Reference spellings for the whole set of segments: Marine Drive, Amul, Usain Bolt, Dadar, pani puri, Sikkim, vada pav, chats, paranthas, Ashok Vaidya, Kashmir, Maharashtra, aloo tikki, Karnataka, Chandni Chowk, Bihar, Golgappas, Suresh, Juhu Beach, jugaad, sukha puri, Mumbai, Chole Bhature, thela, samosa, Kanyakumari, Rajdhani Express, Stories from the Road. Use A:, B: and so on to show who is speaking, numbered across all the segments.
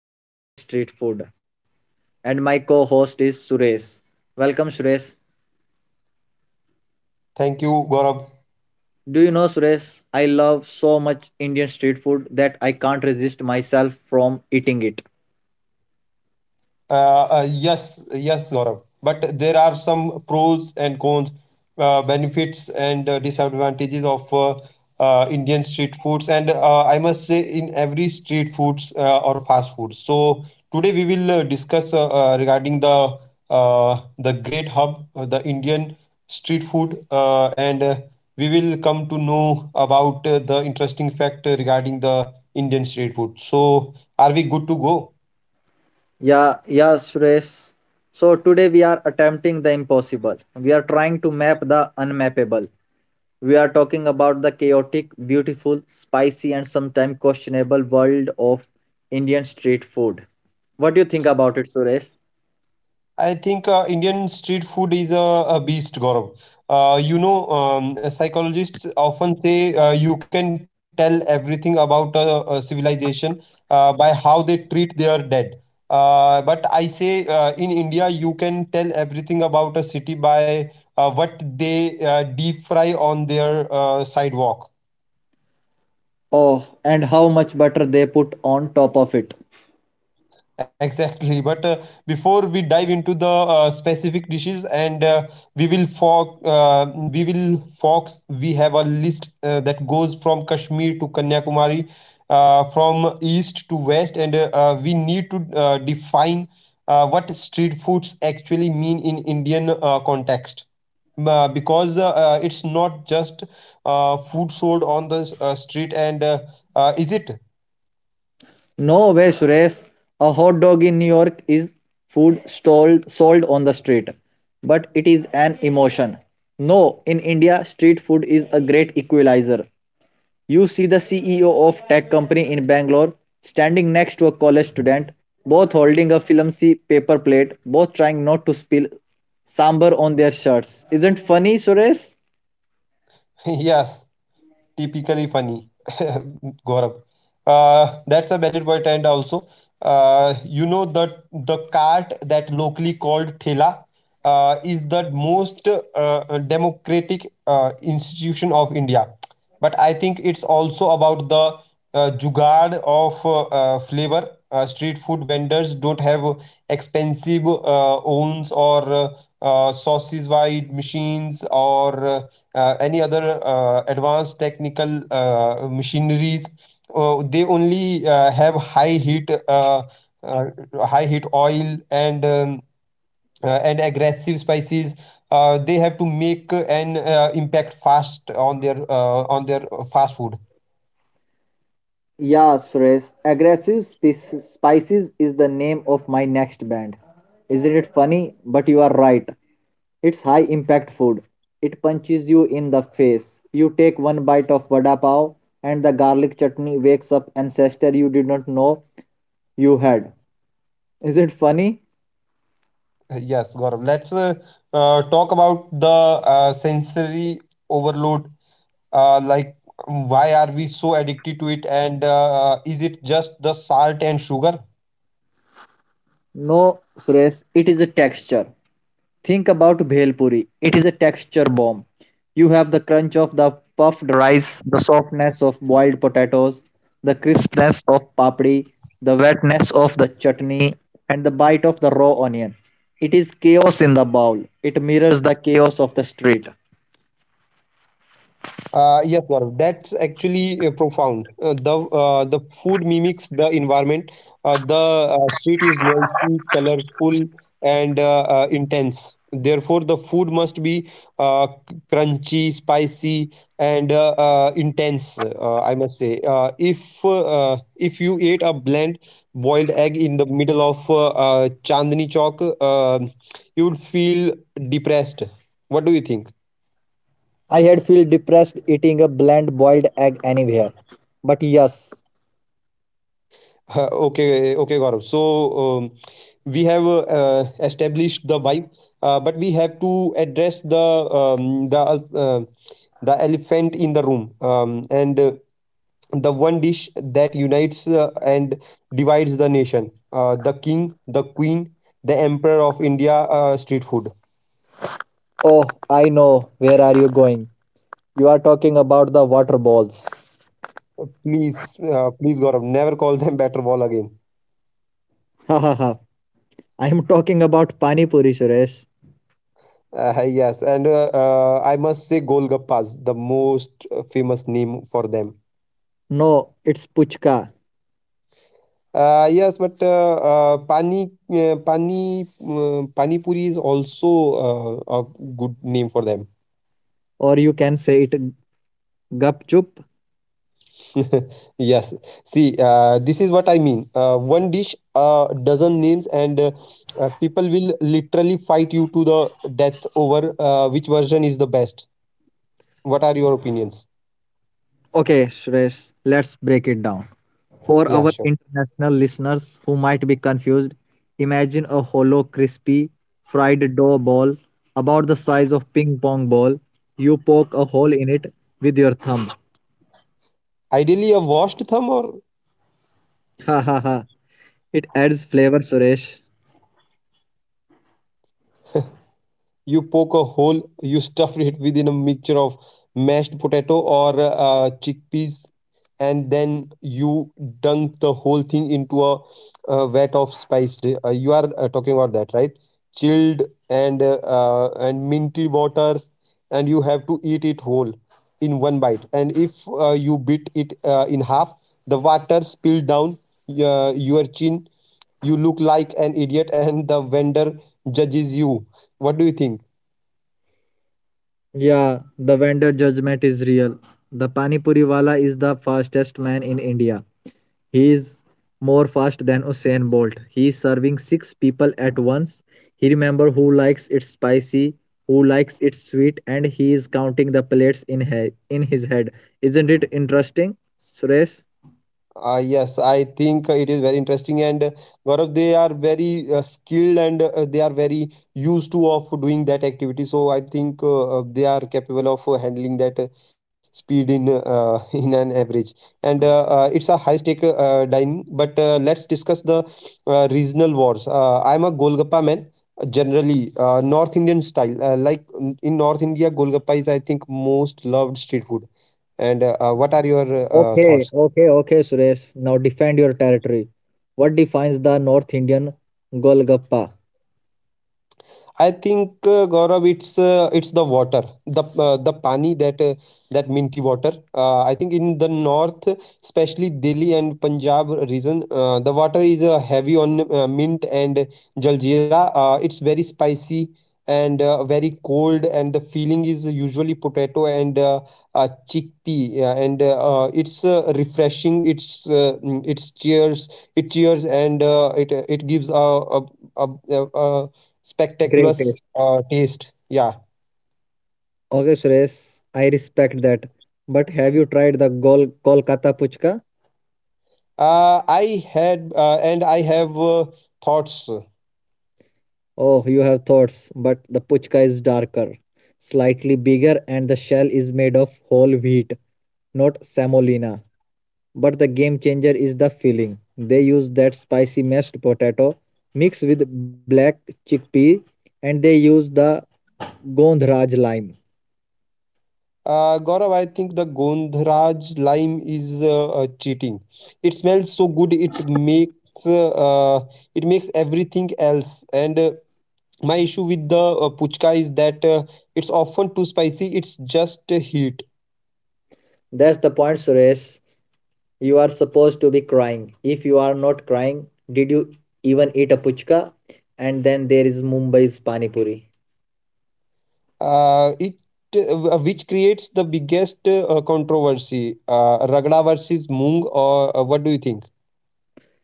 A: about Indian street food and my co-host is Suresh. Welcome Suresh.
B: Thank you, Gaurav.
A: Do you know Suresh, I love so much Indian street food that I can't resist myself from eating it.
B: Uh, yes, yes, Gaurav. But there are some pros and cons, benefits and disadvantages of Indian street foods, and I must say in every street foods or fast food. So today we will discuss regarding the the great hub, the Indian street food, and we will come to know about the interesting fact regarding the Indian street food. So are we good to go?
A: Yeah, yeah, Suresh. So today we are attempting the impossible. We are trying to map the unmappable. We are talking about the chaotic, beautiful, spicy, and sometimes questionable world of Indian street food. What do you think about it, Suresh?
B: I think Indian street food is a beast, Gaurav. Psychologists often say you can tell everything about a civilization by how they treat their dead. But I say in India, you can tell everything about a city by what they deep fry on their sidewalk.
A: Oh, and how much butter they put on top of it.
B: Exactly. But before we dive into the specific dishes, and we will fox, uh, we will fox. We have a list that goes from Kashmir to Kanyakumari, from east to west, and we need to define what street foods actually mean in Indian context. Because it's not just food sold on the street, and is it?
A: No way, Suresh. A hot dog in New York is food stalled, sold on the street, but it is an emotion. No, in India, street food is a great equalizer. You see the CEO of tech company in Bangalore standing next to a college student, both holding a filmy paper plate, both trying not to spill sambar on their shirts. Isn't funny, Suresh?
B: Yes, typically funny. Gaurav. That's a valid point, and also, you know that the cart that locally called thela is the most democratic institution of India. But I think it's also about the jugaad of flavor. Street food vendors don't have expensive ovens or sausage wide machines or any other advanced technical machineries. They only have uh, high heat oil and and aggressive spices. They have to make an impact fast on their fast food.
A: Yeah, Suresh. Aggressive Spices is the name of my next band. Isn't it funny? But you are right. It's high impact food. It punches you in the face. You take one bite of vada pav and the garlic chutney wakes up ancestor you did not know you had. Is it funny?
B: Yes, Gaurav. Let's talk about the sensory overload. Like, why are we so addicted to it? And is it just the salt and sugar?
A: No, Suresh, it is a texture. Think about bhelpuri. It is a texture bomb. You have the crunch of the puffed rice, the softness of boiled potatoes, the crispness of papdi, the wetness of the chutney, and the bite of the raw onion. It is chaos in the bowl. It mirrors the chaos of the street.
B: Yes, Gaurav, that's actually profound. The food mimics the environment. The street is noisy, colorful, and intense. Therefore, the food must be crunchy, spicy, and intense. I must say, if you ate a bland boiled egg in the middle of Chandni Chowk, you would feel depressed. What do you think?
A: I had feel depressed eating a bland boiled egg anywhere. But yes,
B: Huh, okay, okay, Gaurav. So we have established the vibe, but we have to address the elephant in the room, and the one dish that unites and divides the nation. The king, the queen, the emperor of India street food.
A: oh, I know where are you going. You are talking about the water balls.
B: Please, Gaurav, never call them batter ball again.
A: Ha ha ha. I am talking about Pani Puri, Suresh.
B: Yes, and I must say Golgappas, the most famous name for them.
A: No, it's Puchka.
B: Yes, but pani puri is also a good name for them.
A: Or you can say it Gup Chup.
B: Yes. See, this is what I mean. One dish, dozen names, and people will literally fight you to the death over which version is the best. What are your opinions?
A: Okay, Suresh, let's break it down. For
B: Yeah,
A: our
B: sure.
A: international listeners who might be confused, imagine a hollow, crispy, fried dough ball about the size of ping pong ball. You poke a hole in it with your thumb.
B: Ideally, a washed thumb or
A: Ha ha ha. It adds flavor, Suresh.
B: you poke a hole, you stuff it within a mixture of mashed potato or chickpeas, and then you dunk the whole thing into a vat of spiced, you are talking about that, right? Chilled and minty water, and you have to eat it whole in one bite. And if you bit it in half, the water spilled down your chin, you look like an idiot, and the vendor judges you. What do you think?
A: Yeah, the vendor judgment is real. The Pani Puri wala is the fastest man in India. He is more fast than Usain Bolt. He is serving six people at once. He remember who likes it spicy, who likes it sweet, and he is counting the plates in in his head. Isn't it interesting, Suresh?
B: Yes, I think it is very interesting, and Gaurav, they are very skilled and they are very used to of doing that activity. So I think they are capable of handling that speed in in an average. And it's a high stake dining. But let's discuss the regional wars. I'm a Golgappa man. Generally, North Indian style, like in North India, Golgappa is, I think, most loved street food. And what are your
A: Okay,
B: thoughts?
A: okay, okay, Suresh. Now defend your territory. What defines the North Indian Golgappa?
B: I think Gaurav, it's the water, the pani that minty water. I think in the north, especially Delhi and Punjab region, the water is heavy on mint and jaljeera. It's very spicy and very cold, and the filling is usually potato and chickpea, yeah, and it's refreshing. It cheers, and it gives a spectacular
A: Great.
B: taste. Yeah.
A: Okay, Suresh, I respect that. But have you tried the Kolkata Puchka?
B: I had and I have thoughts.
A: Oh, you have thoughts, but the Puchka is darker, slightly bigger, and the shell is made of whole wheat, not semolina. But the game changer is the filling. They use that spicy mashed potato mixed with black chickpea, and they use the Gondraj lime.
B: Gaurav, I think the Gondraj lime is cheating. It smells so good. Uh, it makes everything else. And my issue with the puchka is that it's often too spicy. It's just heat.
A: That's the point, Suresh. You are supposed to be crying. If you are not crying, did you even eat a puchka? And then there is Mumbai's Pani Puri.
B: It Which creates the biggest controversy. Ragda versus moong, or what do you think?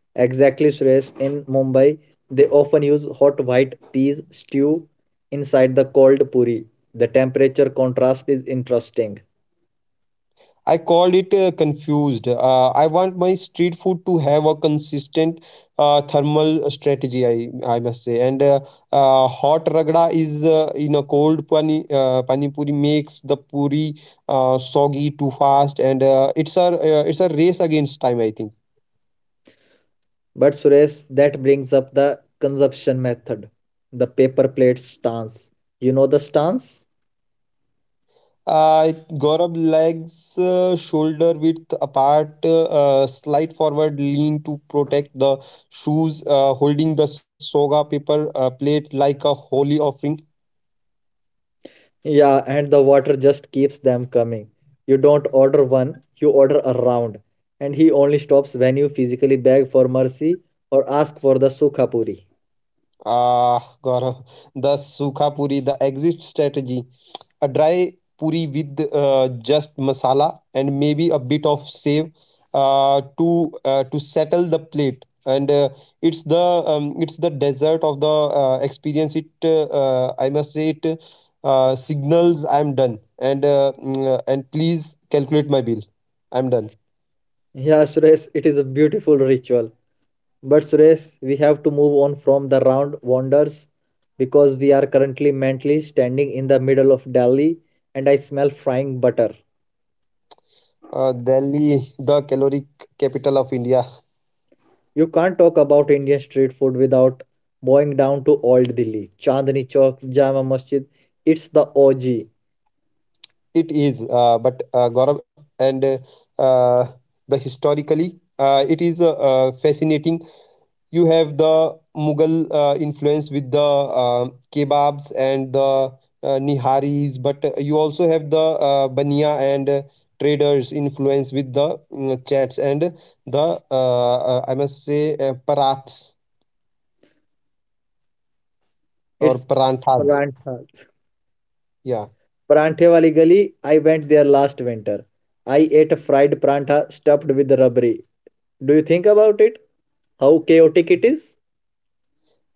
A: Exactly, Suresh. In Mumbai, they often use hot white peas stew inside the cold puri. The temperature contrast is interesting.
B: I call it confused. I want my street food to have a consistent thermal strategy. I must say, and hot ragda is in a cold pani puri makes the puri soggy too fast, and it's a race against time. I think.
A: But Suresh, that brings up the consumption method, the paper plate stance. You know the stance?
B: Uh, Gaurav, legs shoulder width apart, slight forward lean to protect the shoes, holding the soga paper plate like a holy offering.
A: Yeah, and the water just keeps them coming. You don't order one, you order a round. And he only stops when you physically beg for mercy or ask for the sukha puri.
B: Ah, Gaurav, the sukha puri, the exit strategy. A dry puri with just masala and maybe a bit of save to settle the plate. And it's the dessert of the experience. It I must say, it signals I'm done. And please calculate my bill. I'm done.
A: Yeah, Suresh, it is a beautiful ritual. But Suresh, we have to move on from the round wonders because we are currently mentally standing in the middle of Delhi and I smell frying butter.
B: Delhi, the caloric capital of India.
A: You can't talk about Indian street food without bowing down to Old Delhi, Chandni Chowk, Jama Masjid. It's the OG.
B: It is. But Gaurav, and uh, the historically, it is fascinating. You have the Mughal influence with the kebabs and the niharis, but you also have the bania and traders influence with the chats and the I must say paraths or
A: It's
B: paranthas.
A: paranthas.
B: Yeah.
A: Paranthe wali gali. I went there last winter. I ate a fried prantha stuffed with rabri. Do you think about it? How chaotic it is?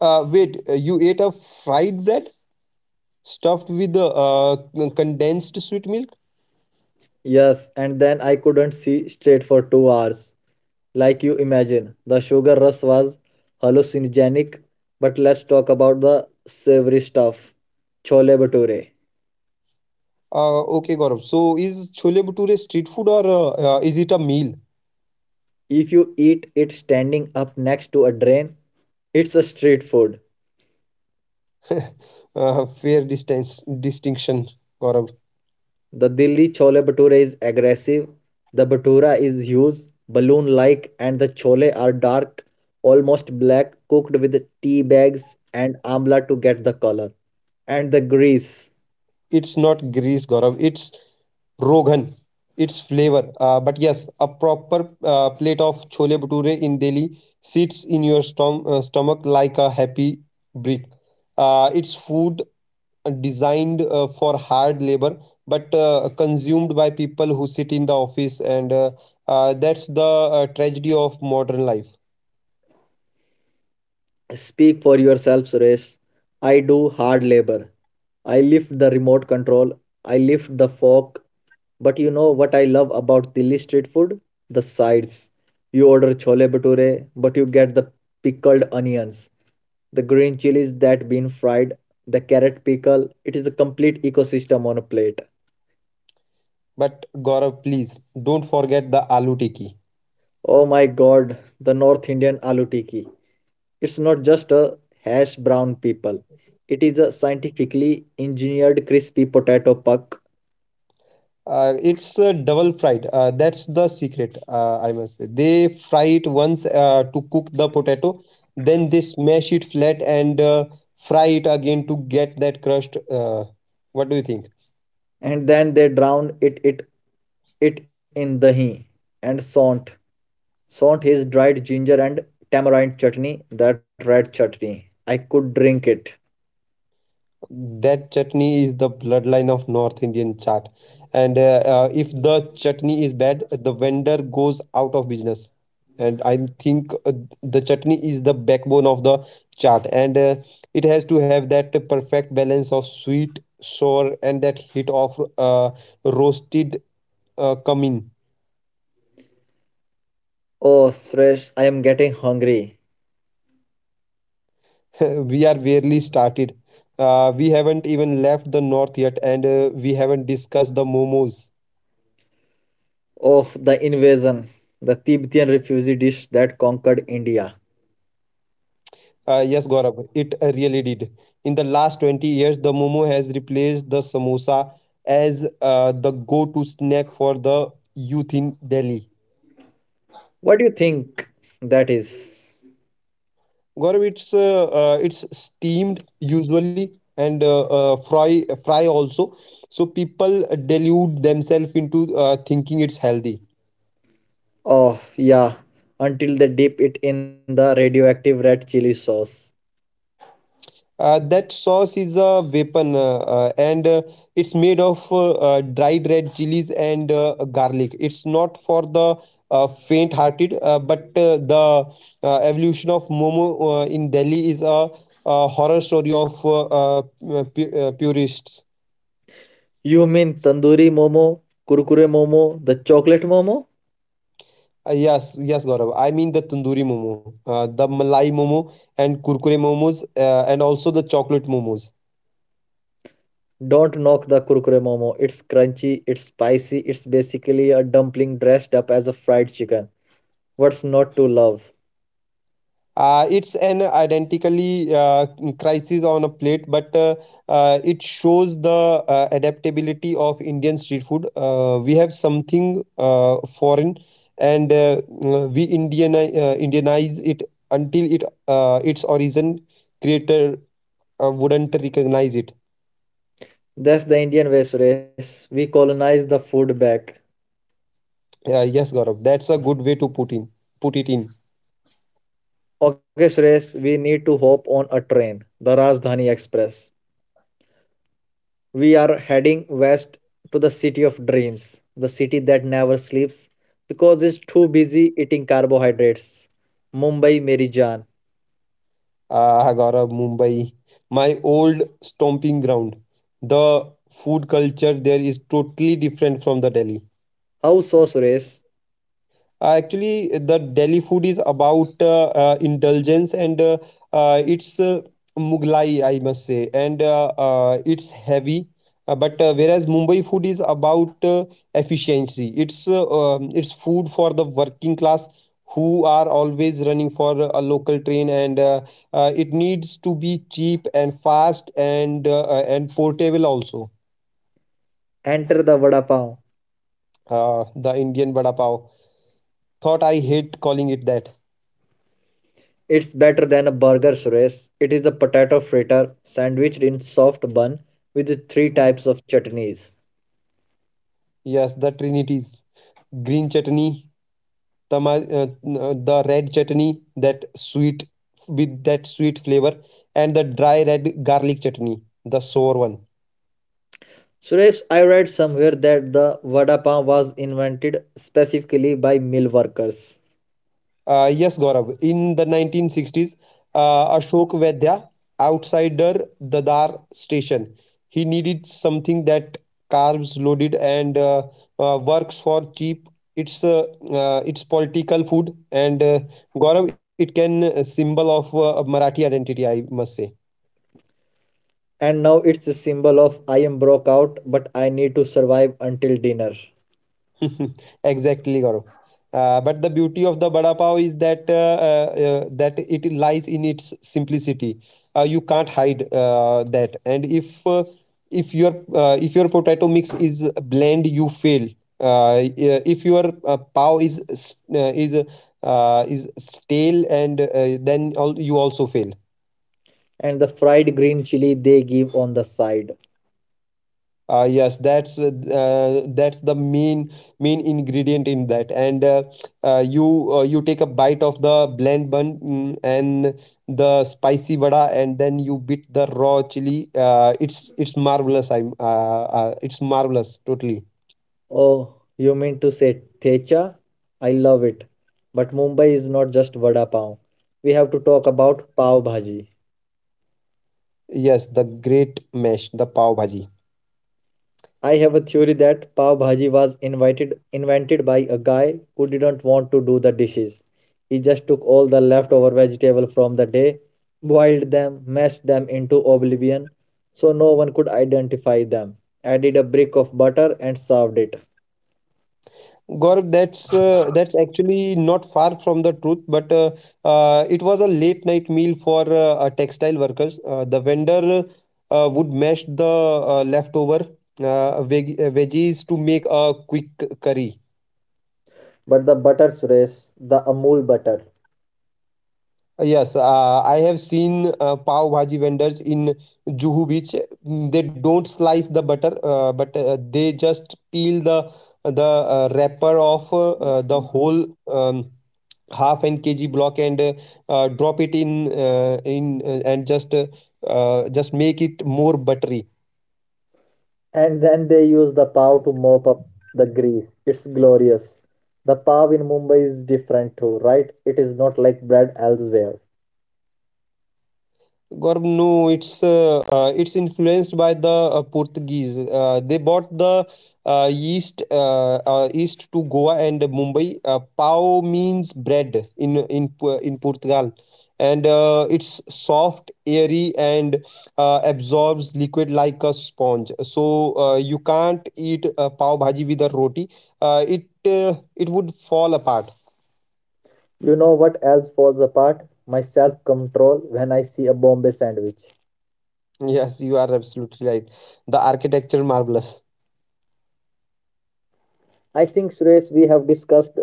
B: Wait, you ate a fried bread stuffed with uh, condensed sweet milk?
A: Yes, and then I couldn't see straight for 2 hours. Like you imagine, the sugar rush was hallucinogenic. But let's talk about the savory stuff. Chole bhature.
B: Okay, Gaurav. So is Chole Bhature street food or is it a meal?
A: If you eat it standing up next to a drain, it's a street food.
B: Fair distance distinction, Gaurav.
A: The Delhi chole bhatura is aggressive. The bhatura is huge, balloon like, and the chole are dark, almost black, cooked with tea bags and amla to get the color. And the grease.
B: It's not grease, Gaurav. It's Rogan. It's flavor. But yes, a proper plate of Chole Bhature in Delhi sits in your stomach like a happy brick. It's food designed for hard labor but consumed by people who sit in the office, and that's the tragedy of modern life.
A: Speak for yourself, Suresh. I do hard labor. I lift the remote control. I lift the fork. But you know what I love about Delhi street food? The sides. You order chole bhature, but you get the pickled onions, the green chilies that been fried, the carrot pickle. It is a complete ecosystem on a plate.
B: But Gaurav, please don't forget the aloo tikki.
A: Oh my god, the North Indian aloo tikki. It's not just a hash brown people. It is a scientifically engineered crispy potato puck
B: It's double fried. That's the secret. I must say they fry it once to cook the potato, then they smash it flat and fry it again to get that crust. What do you think?
A: and then they drown it in dahi and sont Saunt his dried ginger and tamarind chutney, that red chutney. I could drink it.
B: That chutney is the bloodline of North Indian chaat, and if the chutney is bad, the vendor goes out of business. And I think the chutney is the backbone of the chaat, and it has to have that perfect balance of sweet, sour, and that hit of roasted cumin.
A: Oh, Suresh, I am getting hungry.
B: We are barely started. We haven't even left the north yet, and we haven't discussed the momos.
A: Oh, the invasion, the Tibetan refugee dish that conquered India.
B: Yes, Gaurav, it really did. In the last 20 years, the momo has replaced the samosa as the go-to snack for the youth in Delhi.
A: What do you think that is?
B: Gaurav, it's steamed usually and fry also. So people delude themselves into thinking it's healthy.
A: Oh, yeah, until they dip it in the radioactive red chili sauce.
B: That sauce is a weapon, and it's made of dried red chilies and garlic. It's not for the faint-hearted, but the evolution of Momo in Delhi is a horror story of purists.
A: You mean tandoori momo, kurkure momo, the chocolate momo?
B: Yes, yes, Gaurav. I mean the tandoori momo, the Malai momo, and kurkure momos, and also the chocolate momos.
A: Don't knock the kurkure momo. It's crunchy, it's spicy, it's basically a dumpling dressed up as a fried chicken. What's not to love?
B: It's an identically crisis on a plate, but it shows the adaptability of Indian street food. We have something foreign, and we Indianize it until it its origin creator wouldn't recognize it.
A: That's the Indian way, Suresh. We colonize the food back.
B: Yes, Gaurav, that's a good way to put it in.
A: Okay, Suresh, we need to hop on a train, the Rajdhani Express. We are heading west to the city of dreams, the city that never sleeps because it's too busy eating carbohydrates. Mumbai, Meri Jaan.
B: Agora, Mumbai, my old stomping ground. The food culture there is totally different from the Delhi.
A: How so, Suresh?
B: Actually, the delhi food is about indulgence and it's mughlai, I must say, and it's heavy. But Whereas mumbai food is about efficiency. It's it's food for the working class who are always running for a local train, and it needs to be cheap and fast and portable also.
A: Enter the vada pav.
B: uh, the indian vada pav, thought I hate calling it that.
A: It's better than a burger, Suresh. It is a potato fritter sandwiched in soft bun with three types of chutneys.
B: Yes, the trinities: green chutney, tama, uh, the red chutney, that sweet, with that sweet flavor, and the dry red garlic chutney, the sour one.
A: Suresh, I read somewhere that the vada pav was invented specifically by mill workers.
B: Yes, Gaurav, in the 1960s, ashok vaidya, outsider, dadar station. He needed something that carbs loaded and works for cheap. It's it's political food, and gaurav, it can symbol of marathi identity, I must say.
A: And now it's a symbol of I am broke out, but I need to survive until dinner.
B: Exactly, Gaurav. But the beauty of the vada pav is that it lies in its simplicity. You can't hide that. And if If your potato mix is bland, you fail. Yeah, if your pav is s- is stale, and you also fail.
A: And the fried green chili they give on the side.
B: Yes, that's the main ingredient in that, and you take a bite of the blend bun, and the spicy vada, and then you bit the raw chili. It's marvelous. I'm It's marvelous totally.
A: Oh, you mean to say thecha? I love it. But Mumbai is not just vada pav. We have to talk about pav bhaji.
B: Yes, the great mesh, the pav bhaji.
A: I have a theory that pav bhaji was invited invented by a guy who didn't want to do the dishes. He just took all the leftover vegetable from the day, boiled them, mashed them into oblivion so no one could identify them. Added a brick of butter and served it.
B: Gaurav, that's actually not far from the truth, but it was a late night meal for textile workers. The vendor would mash the leftover veggies to make a quick curry.
A: But the butter Suresh, the Amul butter.
B: Yes, I have seen pav bhaji vendors in Juhu Beach. They don't slice the butter, but they just peel the the wrapper of the whole. Half an kg block, and drop it in, and just make it more buttery.
A: And then they use the pav to mop up the grease. It's glorious. The pav in Mumbai is different too, right? It is not like bread elsewhere.
B: Gaurav, no, it's influenced by the Portuguese. They brought the yeast to Goa and Mumbai. Pao means bread in Portugal, and it's soft, airy, and absorbs liquid like a sponge. So you can't eat pav bhaji with a roti. It would fall apart.
A: You know what else falls apart? My self control when I see a Bombay sandwich.
B: Yes, you are absolutely right. The architecture marvelous.
A: I think, Suresh, we have discussed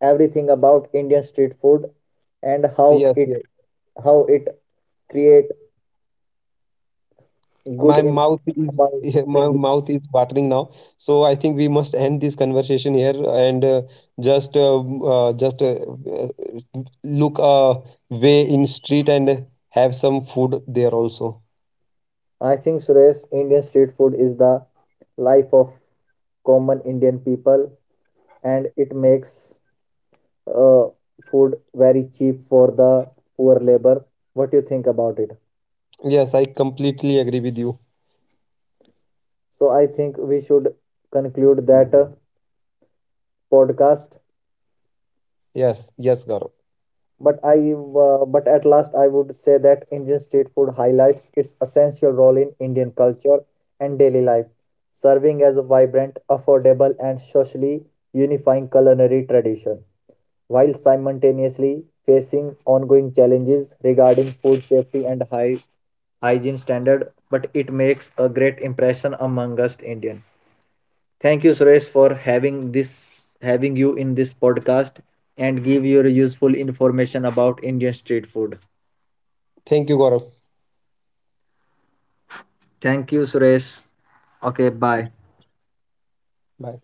A: everything about Indian street food and how
B: Yes,
A: it
B: yes.
A: how it create good
B: My mouth
A: impression
B: is
A: among
B: my
A: Indian.
B: mouth is watering now. So I think we must end this conversation here, and just look way in street and have some food there also.
A: I think, Suresh, Indian street food is the life of common Indian people and it makes uh, food very cheap for the poor labor. What do you think about it?
B: Yes, I completely agree with you.
A: So I think we should conclude that podcast.
B: Yes, yes, Gaurav.
A: But but at last, I would say that Indian street food highlights its essential role in Indian culture and daily life, serving as a vibrant, affordable, and socially unifying culinary tradition, while simultaneously facing ongoing challenges regarding food safety and high hygiene standard. But it makes a great impression among us Indian. Thank you, Suresh, for having you in this podcast and give your useful information about Indian street food.
B: Thank you, Gaurav.
A: Thank you, Suresh. Okay, bye.
B: Bye.